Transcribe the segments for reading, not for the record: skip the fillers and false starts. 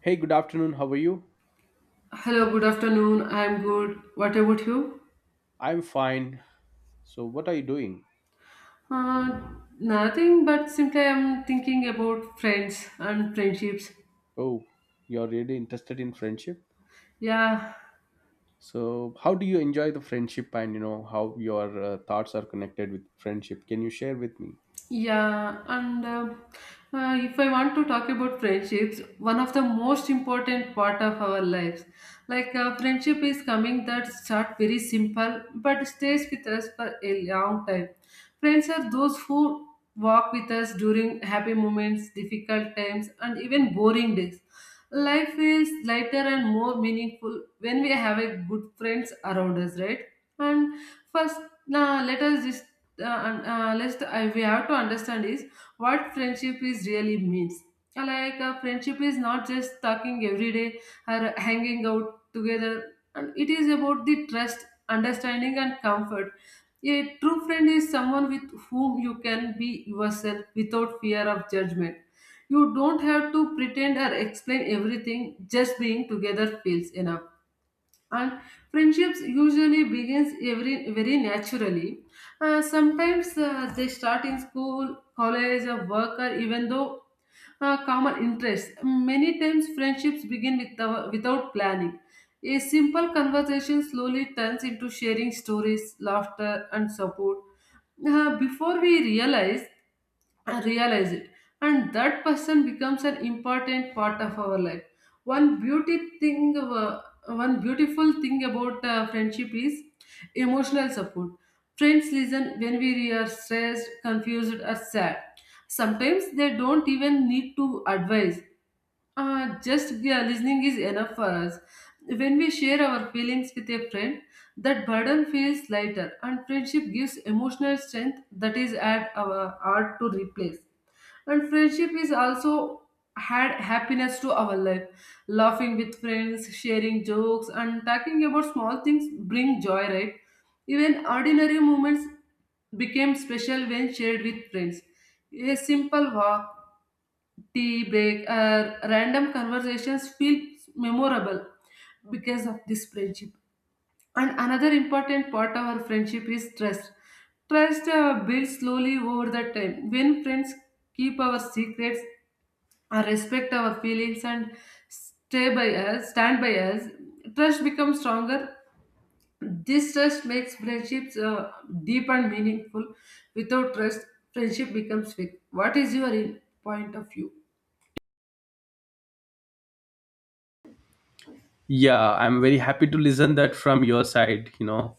Hey, good afternoon. How are you? Hello, good afternoon. I'm good. What about you? I'm fine. So, what are you doing? Uh, Nothing, but simply I'm thinking about friends and friendships. Oh, you're really interested in friendship? Yeah, So, how do you enjoy the friendship and how your thoughts are connected with friendship? Can you share with me? Yeah, and if I want to talk about friendships, one of the most important part of our lives, friendship is coming that start very simple but stays with us for a long time. Friends are those who walk with us during happy moments, difficult times, and even boring days. Life feels lighter and more meaningful when we have a good friends around us, right? And first, now let us just let's we have to understand is what friendship is really means. Friendship is not just talking every day or hanging out together, and it is about the trust, understanding and comfort. A true friend is someone with whom you can be yourself without fear of judgment. You don't have to pretend or explain everything. Just being together feels enough. And friendships usually begins very naturally. Sometimes they start in school, college or work, or even though common interests. Many times, friendships begin without planning. A simple conversation slowly turns into sharing stories, laughter, and support. Before we realize it, and that person becomes an important part of our life. One beautiful thing about friendship is emotional support. Friends listen when we are stressed, confused, or sad. Sometimes they don't even need to advise. Just listening is enough for us. When we share our feelings with a friend, that burden feels lighter, and friendship gives emotional strength that is at our hard to replace. And friendship is also had happiness to our life. Laughing with friends, sharing jokes, and talking about small things bring joy, right? Even ordinary moments became special when shared with friends. A simple walk, tea break, or random conversations feel memorable because of this friendship. And another important part of our friendship is trust. Trust builds slowly over the time. When friends keep our secrets, respect our feelings, and stand by us, trust becomes stronger. This trust makes friendships deep and meaningful. Without trust, friendship becomes weak. What is your point of view? Yeah, I'm very happy to listen that from your side. You know,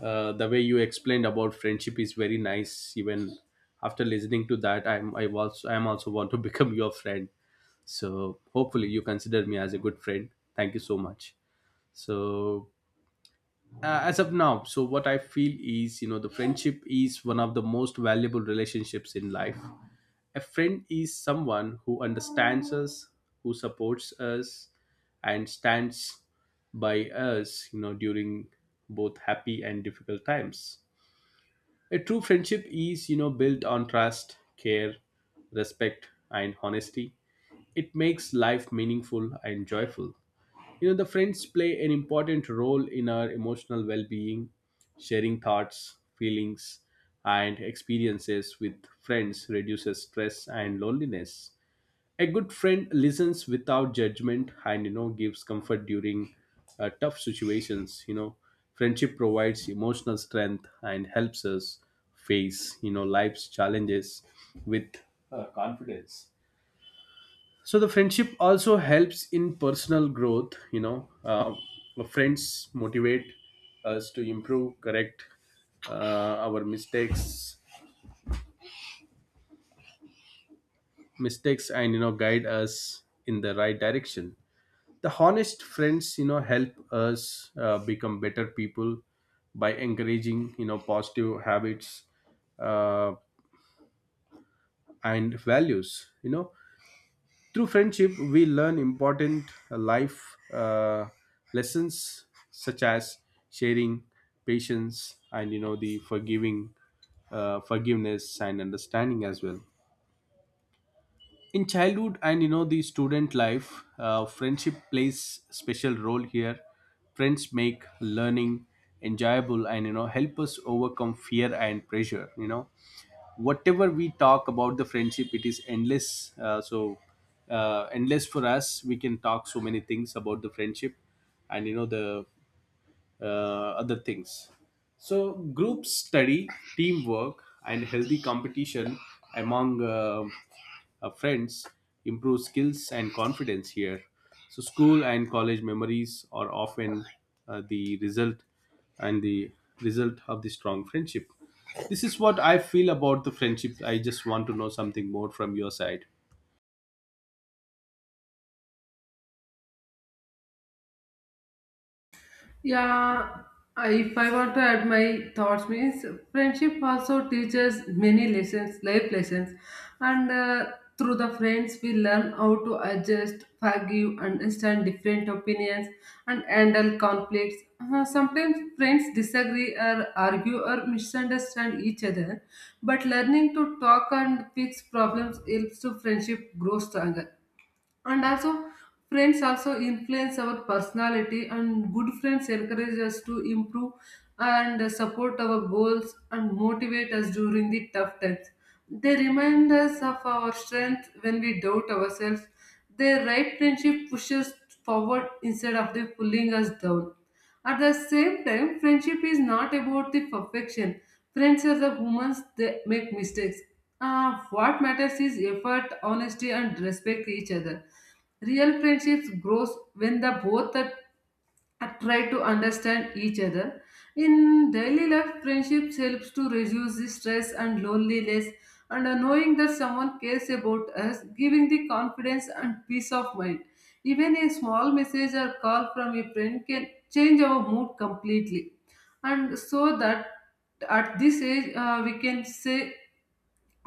uh, The way you explained about friendship is very nice. Even after listening to that, I also want to become your friend. So hopefully you consider me as a good friend. Thank you so much. So as of now, so what I feel is, the friendship is one of the most valuable relationships in life. A friend is someone who understands us, who supports us and stands by us, during both happy and difficult times. A true friendship is, built on trust, care, respect and honesty. It makes life meaningful and joyful. You know, the friends play an important role in our emotional well being. Sharing thoughts, feelings, and experiences with friends reduces stress and loneliness. A good friend listens without judgment and, gives comfort during tough situations. You know, friendship provides emotional strength and helps us face, life's challenges with confidence. So the friendship also helps in personal growth. Friends motivate us to improve, correct our mistakes and guide us in the right direction. The honest friends, help us become better people by encouraging, positive habits uh, and values. you know Through friendship, we learn important life lessons such as sharing, patience, and forgiveness, and understanding as well. In childhood and the student life, friendship plays special role here. Friends make learning enjoyable and help us overcome fear and pressure. Whatever we talk about the friendship, it is endless. Endless for us. We can talk so many things about the friendship and you know the uh, other things. So, group study, teamwork, and healthy competition among friends improve skills and confidence here. So, school and college memories are often uh, the result the result of the strong friendship. This is what I feel about the friendship. I just want to know something more from your side. Yeah, if I want to add my thoughts, means friendship also teaches many lessons, life lessons, and through the friends we learn how to adjust, forgive, understand different opinions, and handle conflicts. Sometimes friends disagree or argue or misunderstand each other, but learning to talk and fix problems helps to friendship grow stronger. And also friends also influence our personality, and good friends encourage us to improve and support our goals and motivate us during the tough times. They remind us of our strength when we doubt ourselves. Their right friendship pushes forward instead of the pulling us down. At the same time, friendship is not about the perfection. Friends are the humans; they make mistakes. What matters is effort, honesty, and respect each other. Real friendships grows when the both are and try to understand each other. In daily life, friendships helps to reduce the stress and loneliness, and knowing that someone cares about us, giving the confidence and peace of mind. Even a small message or call from a friend can change our mood completely. And so that at this age, we can say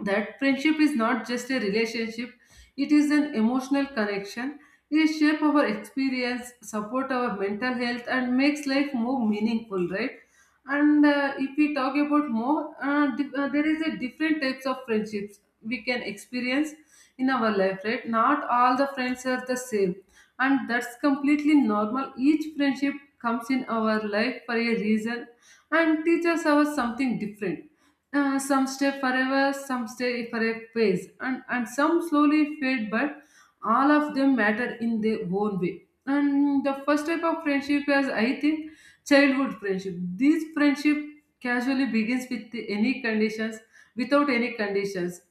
that friendship is not just a relationship, it is an emotional connection. It shapes our experience, support our mental health, and makes life more meaningful, right? And if we talk about more there is a different types of friendships we can experience in our life, right? Not all the friends are the same, and that's completely normal. Each friendship comes in our life for a reason and teaches us something different. Some stay forever, some stay for a phase, and some slowly fade, but all of them matter in their own way. And the first type of friendship is, I think, childhood friendship. This friendship casually begins with any conditions, without any conditions.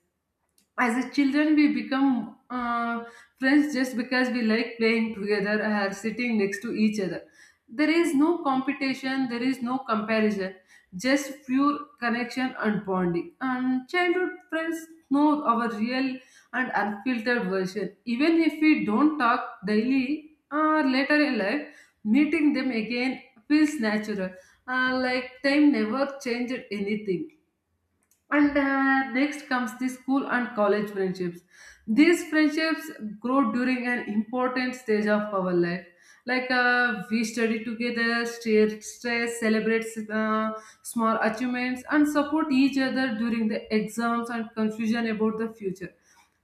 As a children, we become friends just because we like playing together or sitting next to each other. There is no competition, there is no comparison, just pure connection and bonding. And childhood friends know our real and unfiltered version. Even if we don't talk daily or later in life, meeting them again feels natural. Like time never changed anything. And next comes the school and college friendships. These friendships grow during an important stage of our life. We study together, share stress, celebrate uh, small achievements, and support each other during the exams and confusion about the future.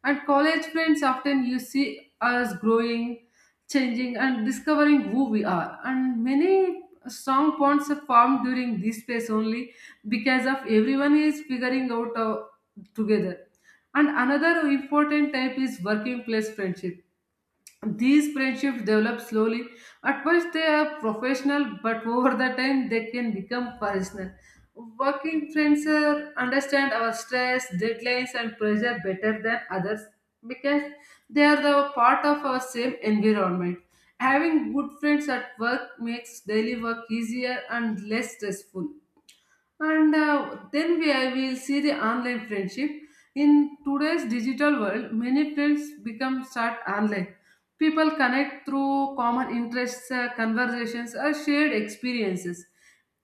And college friends often you see us growing, changing, and discovering who we are. And many strong bonds are formed during this phase only because of everyone is figuring out together. And another important type is working place friendship. These friendships develop slowly. At first they are professional, but over the time they can become personal. Working friends are, understand our stress, deadlines and pressure better than others because they are the part of our same environment. Having good friends at work makes daily work easier and less stressful. And uh, then we I will see the online friendship. In today's digital world, many friends become start online. People connect through common interests, conversations, or shared experiences.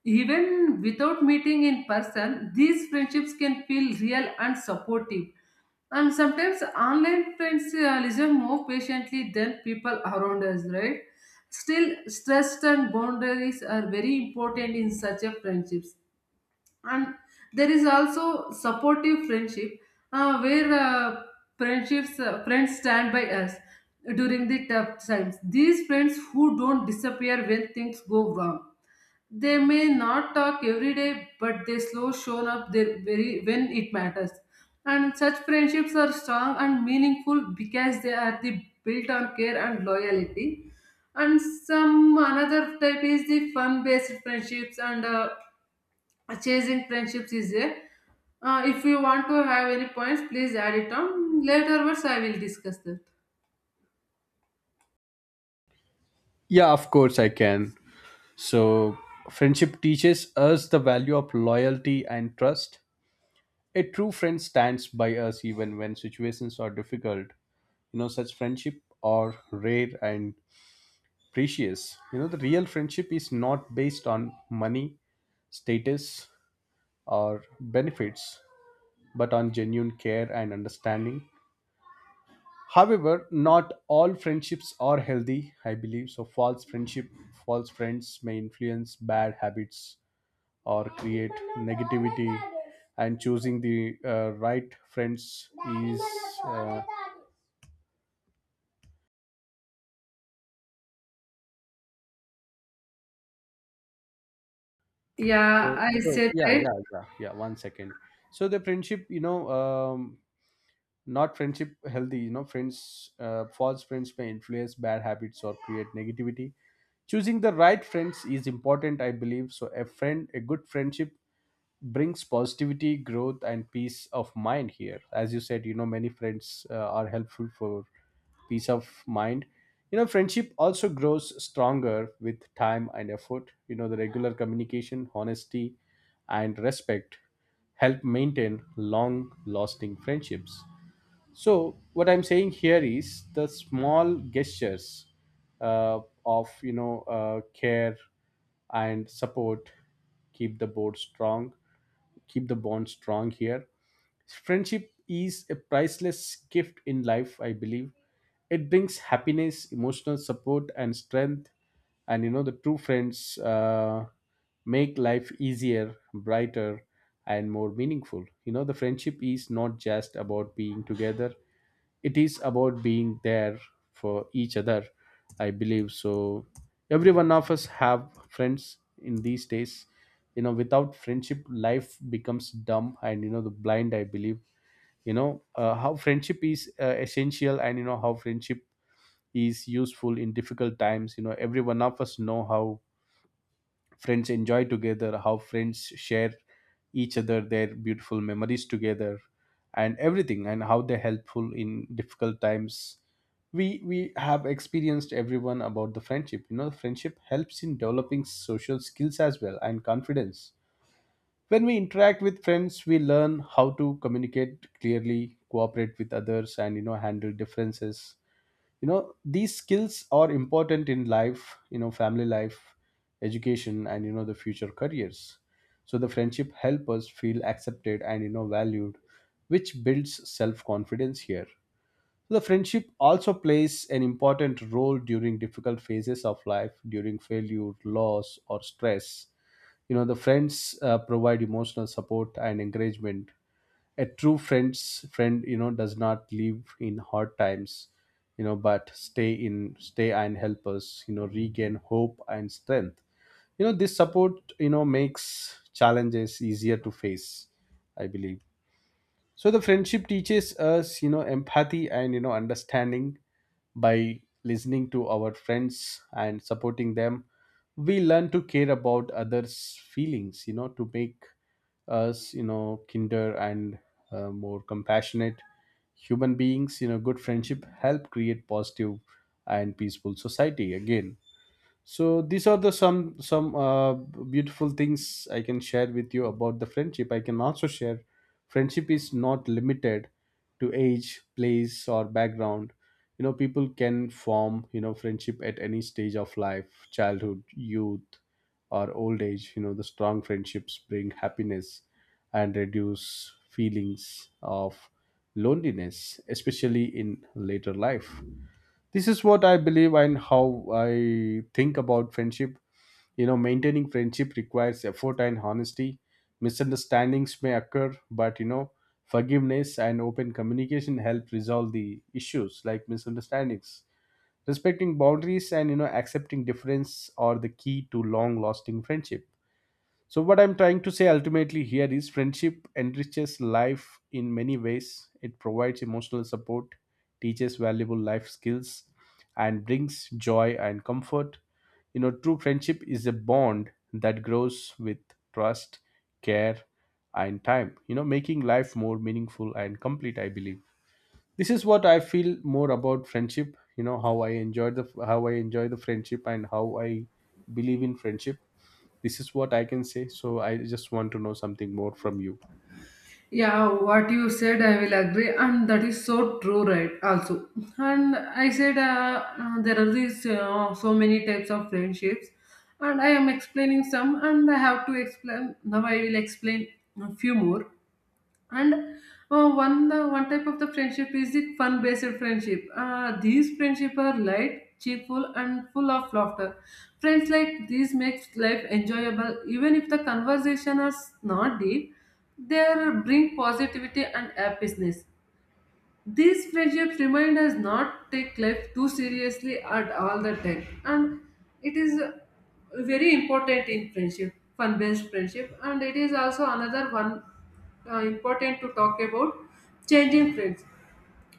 Even without meeting in person, these friendships can feel real and supportive. And sometimes online friends listen more patiently than people around us, right? Still, trust and boundaries are very important in such a friendships. And there is also supportive friendship, where friends stand by us during the tough times. These friends who don't disappear when things go wrong. They may not talk every day, but they slow shown up there very when it matters. And such friendships are strong and meaningful because they are the built on care and loyalty. And some another type is the fun based friendships, and chasing friendships is there. If you want to have any points, please add it on. Later, words I will discuss that. Yeah, of course I can. So, friendship teaches us the value of loyalty and trust. A true friend stands by us even when situations are difficult. You know, such friendship are rare and precious. You know, the real friendship is not based on money, status, or benefits, but on genuine care and understanding. However, not all friendships are healthy, I believe. So, false friendship, false friends may influence bad habits or create negativity and choosing the right friends is uh, Yeah, so, I so said yeah, right. yeah, yeah, yeah. One second. So the friendship, not friendship healthy. You know, friends, false friends may influence bad habits or create negativity. Choosing the right friends is important, I believe. So a friend, a good friendship brings positivity, growth, and peace of mind here. As you said, many friends are helpful for peace of mind. Friendship also grows stronger with time and effort. The regular communication, honesty and respect help maintain long lasting friendships. So what I'm saying here is the small gestures uh, of care and support keep the board strong, keep the bond strong here. Friendship is a priceless gift in life, I believe. It brings happiness, emotional support, and strength. And the true friends make life easier, brighter, and more meaningful. You know, the friendship is not just about being together, it is about being there for each other, I believe. So every one of us have friends in these days. Without friendship, life becomes dumb and the blind, I believe. How friendship is essential and how friendship is useful in difficult times. Every one of us know how friends enjoy together, how friends share each other their beautiful memories together and everything, and how they're helpful in difficult times. We have experienced everyone about the friendship. You know, friendship helps in developing social skills as well and confidence. When we interact with friends, we learn how to communicate clearly, cooperate with others, and handle differences. You know, these skills are important in life, family life, education, and the future careers. So the friendship help us feel accepted and valued, which builds self confidence here. The friendship also plays an important role during difficult phases of life, during failure, loss or stress. The friends provide emotional support and encouragement. A true friend's friend, does not live in hard times, but stay and help us regain hope and strength. You know, this support, makes challenges easier to face, I believe. So the friendship teaches us, empathy and understanding. By listening to our friends and supporting them, we learn to care about others feelings, to make us, kinder and more compassionate human beings. You know, good friendship help create positive and peaceful society again. So these are the some beautiful things I can share with you about the friendship. I can also share, friendship is not limited to age, place or background. You know, people can form, friendship at any stage of life, childhood, youth, or old age. You know, the strong friendships bring happiness and reduce feelings of loneliness, especially in later life. This is what I believe and how I think about friendship. You know, maintaining friendship requires effort and honesty. Misunderstandings may occur, but forgiveness and open communication help resolve the issues like misunderstandings. Respecting boundaries and accepting difference are the key to long lasting friendship. So, what I'm trying to say ultimately here is friendship enriches life in many ways. It provides emotional support, teaches valuable life skills, and brings joy and comfort. You know, true friendship is a bond that grows with trust, care, and time, making life more meaningful and complete, I believe. This is what I feel more about friendship, how I enjoy the how I enjoy the friendship and how I believe in friendship. This is what I can say. So I just want to know something more from you. Yeah, what you said, I will agree, and that is so true, right? Also, and I said there are these so many types of friendships, and I am explaining some, and I have to explain now. I will explain a few more. And one the one type of the friendship is the fun based friendship. These friendship are light, cheerful and full of laughter. Friends like these makes life enjoyable even if the conversation is not deep. They bring positivity and happiness. These friendships remind us not take life too seriously at all the time, and it is very important in friendship, fun-based friendship. And it is also another one important to talk about changing friends.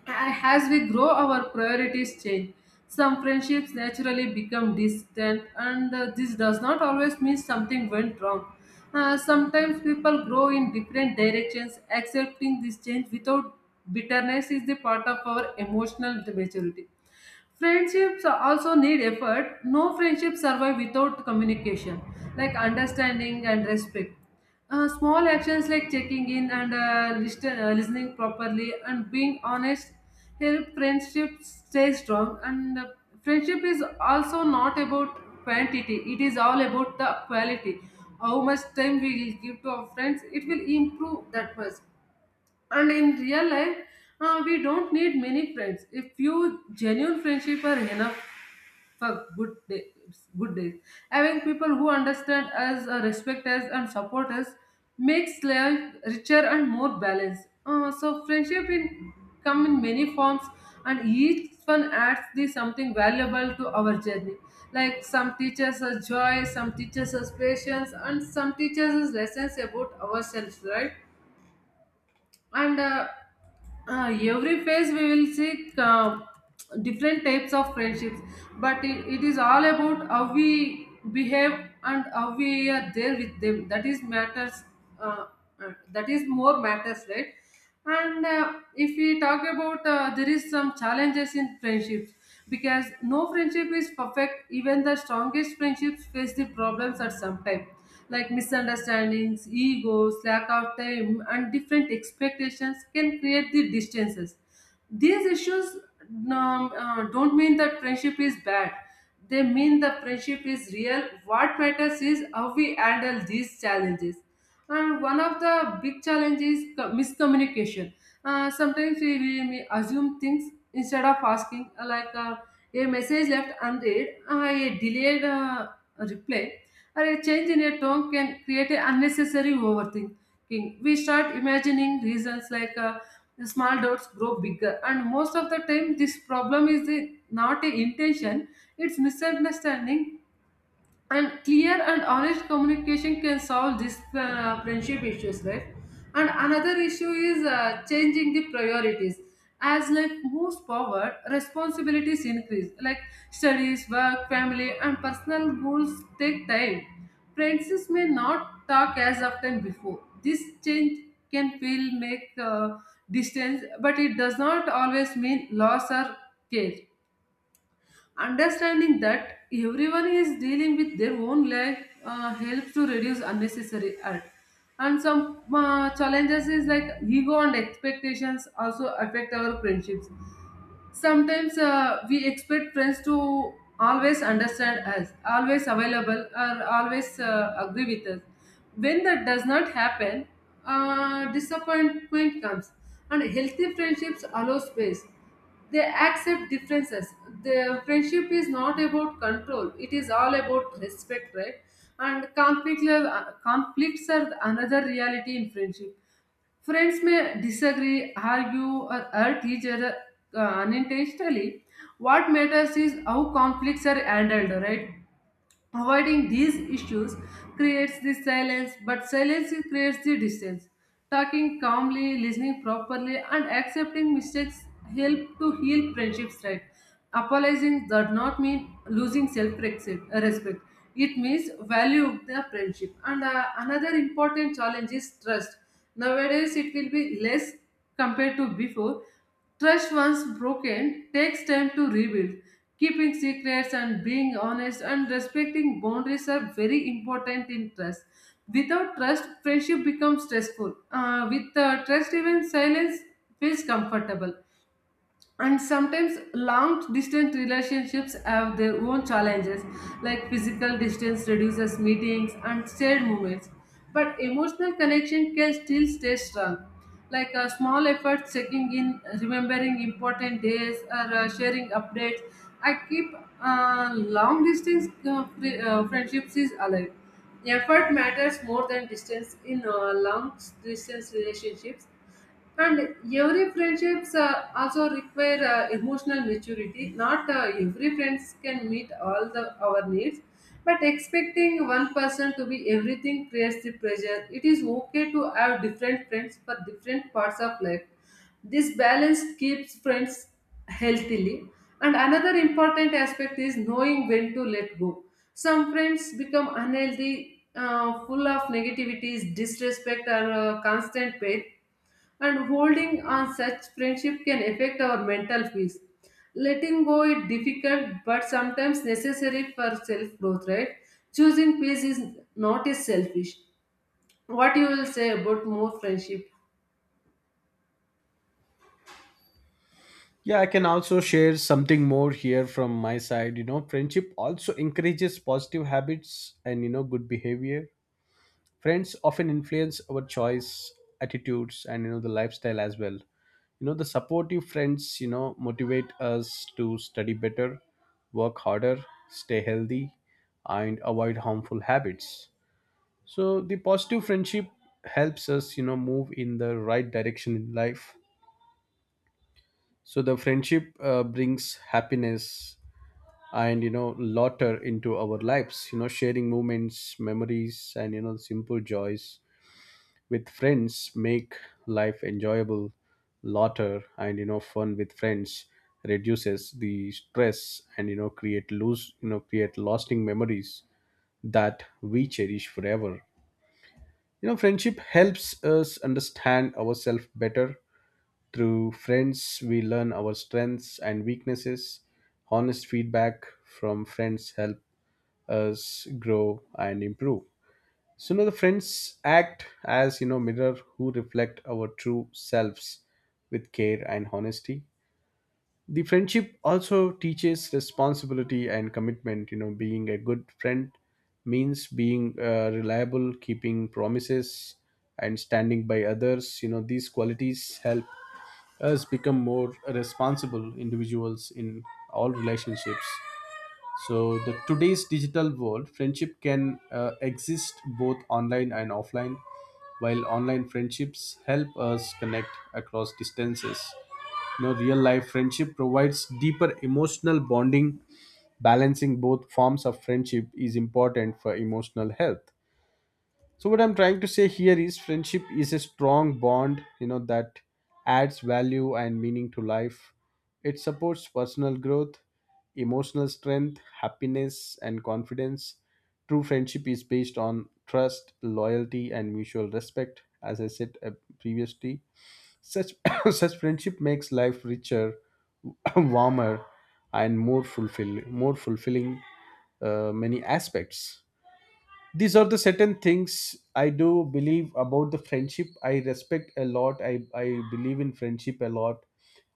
As we grow, our priorities change. Some friendships naturally become distant, and this does not always mean something went wrong. Sometimes people grow in different directions. Accepting this change without bitterness is the part of our emotional maturity. Friendships also need effort. No friendship survive without communication, like understanding and respect. Small actions like checking in and listening properly and being honest help friendship stay strong. And friendship is also not about quantity; it is all about the quality. How much time we will give to our friends, it will improve that much. And in real life, we don't need many friends. A few genuine friendship are enough for good days. Good days. Having people who understand us, respect us, and support us makes life richer and more balanced. So friendship in come in many forms, and each one adds the something valuable to our journey. Like some teaches us joy, some teaches us patience, and some teaches us lessons about ourselves. Right? And every phase we will see different types of friendships, but it is all about how we behave and how we are there with them, that is matters, uh, that is more matters, right? And if we talk about there is some challenges in friendships because no friendship is perfect. Even the strongest friendships face the problems at some time, like misunderstandings, egos, lack of time and different expectations can create the distances. These issues don't mean that friendship is bad. They mean the friendship is real. What matters is how we handle these challenges. And one of the big challenges is miscommunication. Sometimes we may assume things instead of asking, like a message left unread, a delayed reply, or a change in a tone can create an unnecessary overthinking. We start imagining reasons like the small dots grow bigger, and most of the time, this problem is the, not a intention; it's misunderstanding. And clear and honest communication can solve these friendship issues, right? And another issue is changing the priorities. As life moves forward, responsibilities increase, like studies, work, family, and personal goals take time. Friends may not talk as often before. This change can feel make distance, but it does not always mean loss or care. Understanding that everyone is dealing with their own life helps to reduce unnecessary hurt. And some challenges is like ego and expectations also affect our friendships. Sometimes we expect friends to always understand us, always available, or always agree with us. When that does not happen, disappointment comes. And healthy friendships allow space, they accept differences. The friendship is not about control, it is all about respect, right? And conflict, conflicts are another reality in friendship. Friends may disagree, argue, or hurt each other unintentionally. What matters is how conflicts are handled, right? Avoiding these issues creates the silence, but silence creates the distance. Talking calmly, listening properly, and accepting mistakes help to heal friendships, right. Apologizing does not mean losing self respect. It means value the friendship. And another important challenge is trust. Nowadays, it will be less compared to before. Trust once broken takes time to rebuild. Keeping secrets and being honest and respecting boundaries are very important in trust. Without trust, friendship becomes stressful. With trust, even silence feels comfortable. And sometimes long distance relationships have their own challenges, like physical distance reduces meetings and shared moments, but emotional connection can still stay strong. Like a small effort, checking in, remembering important days, or sharing updates, I keep long distance friendships is alive. Effort matters more than distance in long distance relationships. And every friendships also require emotional maturity. Not every friends can meet all the our needs, but expecting one person to be everything creates the pressure. It is okay to have different friends for different parts of life. This balance keeps friends healthily. And another important aspect is knowing when to let go. Some friends become unhealthy, full of negativities, disrespect, or constant pain, and holding on such friendship can affect our mental peace. Letting go is difficult but sometimes necessary for self growth, right? Choosing peace is not is selfish. What you will say about more friendship? Yeah, I can also share something more here from my side. You know, friendship also encourages positive habits and, good behavior. Friends often influence our choice, attitudes, and, the lifestyle as well. You know, the supportive friends, motivate us to study better, work harder, stay healthy, and avoid harmful habits. So the positive friendship helps us move in the right direction in life. So the friendship brings happiness and laughter into our lives. Sharing moments, memories, and simple joys with friends make life enjoyable. Laughter and fun with friends reduces the stress and you know create lose you know create lasting memories that we cherish forever. You know, friendship helps us understand ourselves better. Through friends, we learn our strengths and weaknesses. Honest feedback from friends help us grow and improve. So, the friends act as, mirror who reflect our true selves with care and honesty. The friendship also teaches responsibility and commitment. Being a good friend means being reliable, keeping promises, and standing by others. These qualities help us become more responsible individuals in all relationships. So the today's digital world, friendship can exist both online and offline. While online friendships help us connect across distances, real life friendship provides deeper emotional bonding. Balancing both forms of friendship is important for emotional health. So what I'm trying to say here is friendship is a strong bond, that adds value and meaning to life. It supports personal growth, emotional strength, happiness, and confidence. True friendship is based on trust, loyalty, and mutual respect, as I said previously. Such such friendship makes life richer, warmer, and more fulfilling many aspects. These are the certain things I do believe about the friendship. I respect a lot. I believe in friendship a lot.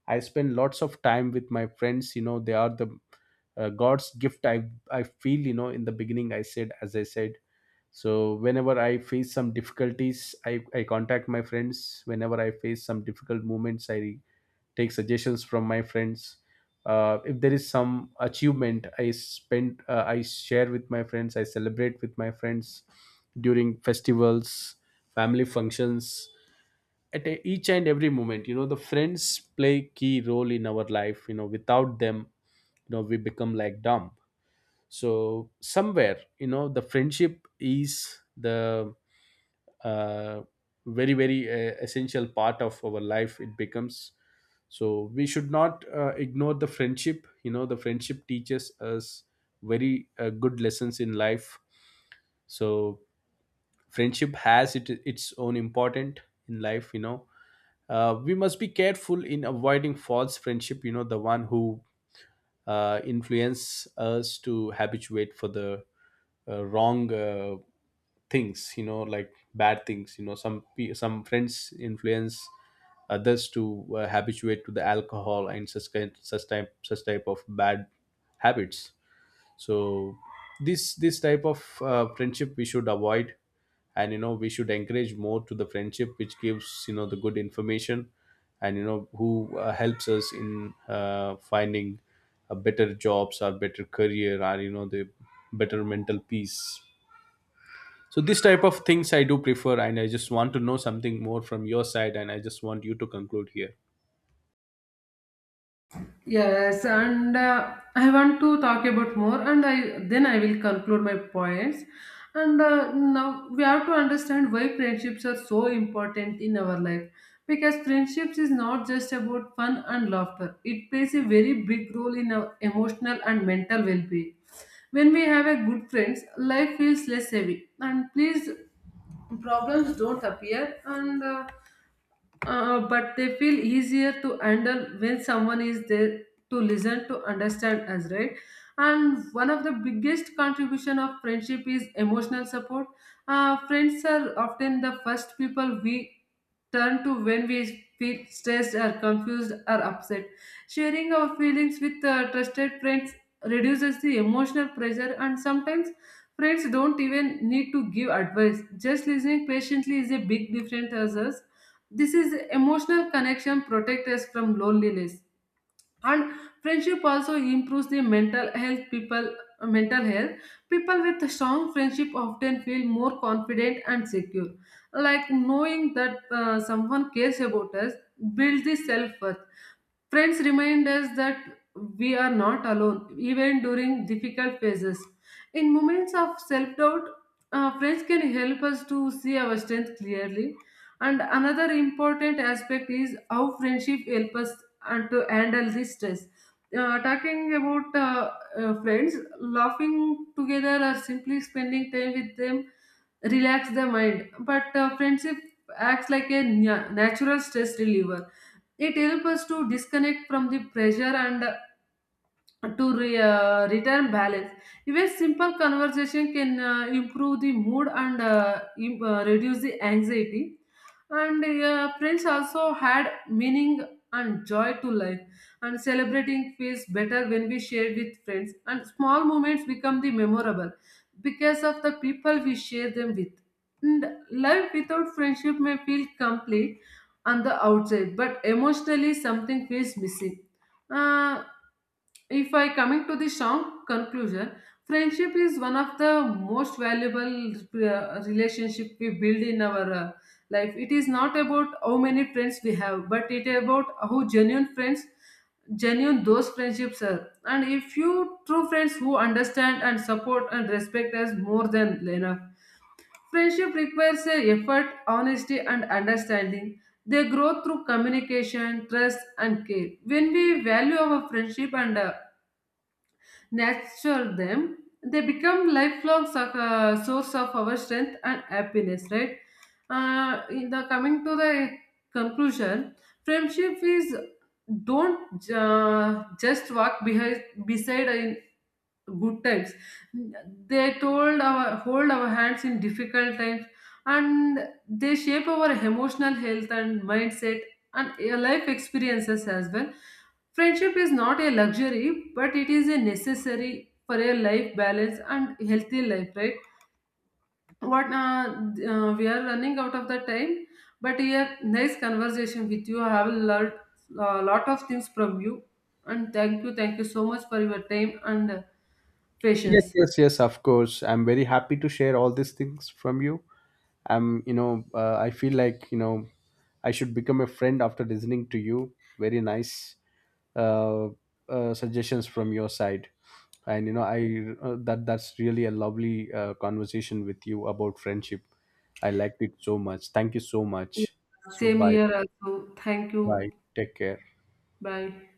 I spend lots of time with my friends. They are the god's gift, I feel. In the beginning, I said, so whenever I face some difficulties, I contact my friends. Whenever I face some difficult moments, I take suggestions from my friends. If there is some achievement, I share with my friends, I celebrate with my friends during festivals, family functions, at each and every moment. You know, the friends play key role in our life. Without them, we become like dumb. So somewhere, the friendship is the uh, very essential part of our life it becomes. So we should not ignore the friendship. You know, the friendship teaches us very good lessons in life. So friendship has its own important in life. We must be careful in avoiding false friendship. You know, the one who influence us to habituate for the wrong things, like bad things. You know, some friends influence others to habituate to the alcohol and such kind, such type of bad habits. So this type of friendship we should avoid. And we should encourage more to the friendship which gives the good information and who helps us in finding a better jobs or better career, or the better mental peace. So this type of things I do prefer, and I just want to know something more from your side, and I just want you to conclude here. Yes, and I want to talk about more, and I then I will conclude my points. And now we have to understand why friendships are so important in our life, because friendships is not just about fun and laughter. It plays a very big role in our emotional and mental well-being. When we have a good friends, life feels less heavy, and please problems don't appear and. But they feel easier to handle when someone is there to listen, to understand us, right? And one of the biggest contribution of friendship is emotional support. Friends are often the first people we turn to when we feel stressed or confused or upset. Sharing our feelings with trusted friends reduces the emotional pressure. And sometimes friends don't even need to give advice, just listening patiently is a big difference to us. This is emotional connection, protect us from loneliness. And friendship also improves the mental health. People with a strong friendship often feel more confident and secure. Like knowing that someone cares about us builds the self worth. Friends remind us that we are not alone, even during difficult phases. In moments of self doubt, friends can help us to see our strength clearly. And another important aspect is how friendship helps us and to handle this stress. Talking about friends, laughing together, or simply spending time with them relax the mind. But friendship acts like a natural stress reliever. It helps us to disconnect from the pressure and to return balance. Even simple conversation can improve the mood and reduce the anxiety. And friends also had meaning and joy to life. And celebrating feels better when we share with friends. And small moments become the memorable because of the people we share them with. And life without friendship may feel complete on the outside, but emotionally something feels missing. Uh, if I coming to the strong conclusion, friendship is one of the most valuable relationship we build in our life. It is not about how many friends we have, but it is about how genuine those friendships are. And if you true friends who understand and support and respect us more than enough. Friendship requires effort, honesty, and understanding. They grow through communication, trust, and care. When we value our friendship and nurture them, they become lifelong source of our strength and happiness, right? In the coming to the conclusion, friendship is don't just walk behind beside in good times, they told our hold our hands in difficult times, and they shape our emotional health and mindset and your life experiences as well. Friendship is not a luxury, but it is a necessary for a life balance and healthy life, right? what We are running out of the time, but here nice conversation with you. I have a lot of things from you, and thank you so much for your time and Yes, patience. yes, yes, of course. I'm very happy to share all these things from you. I feel like, I should become a friend after listening to you. Very nice uh, suggestions from your side. And, I that's really a lovely conversation with you about friendship. I liked it so much. Thank you so Yeah. much. So, Same bye. here also. Thank you. Bye. Take care. Bye.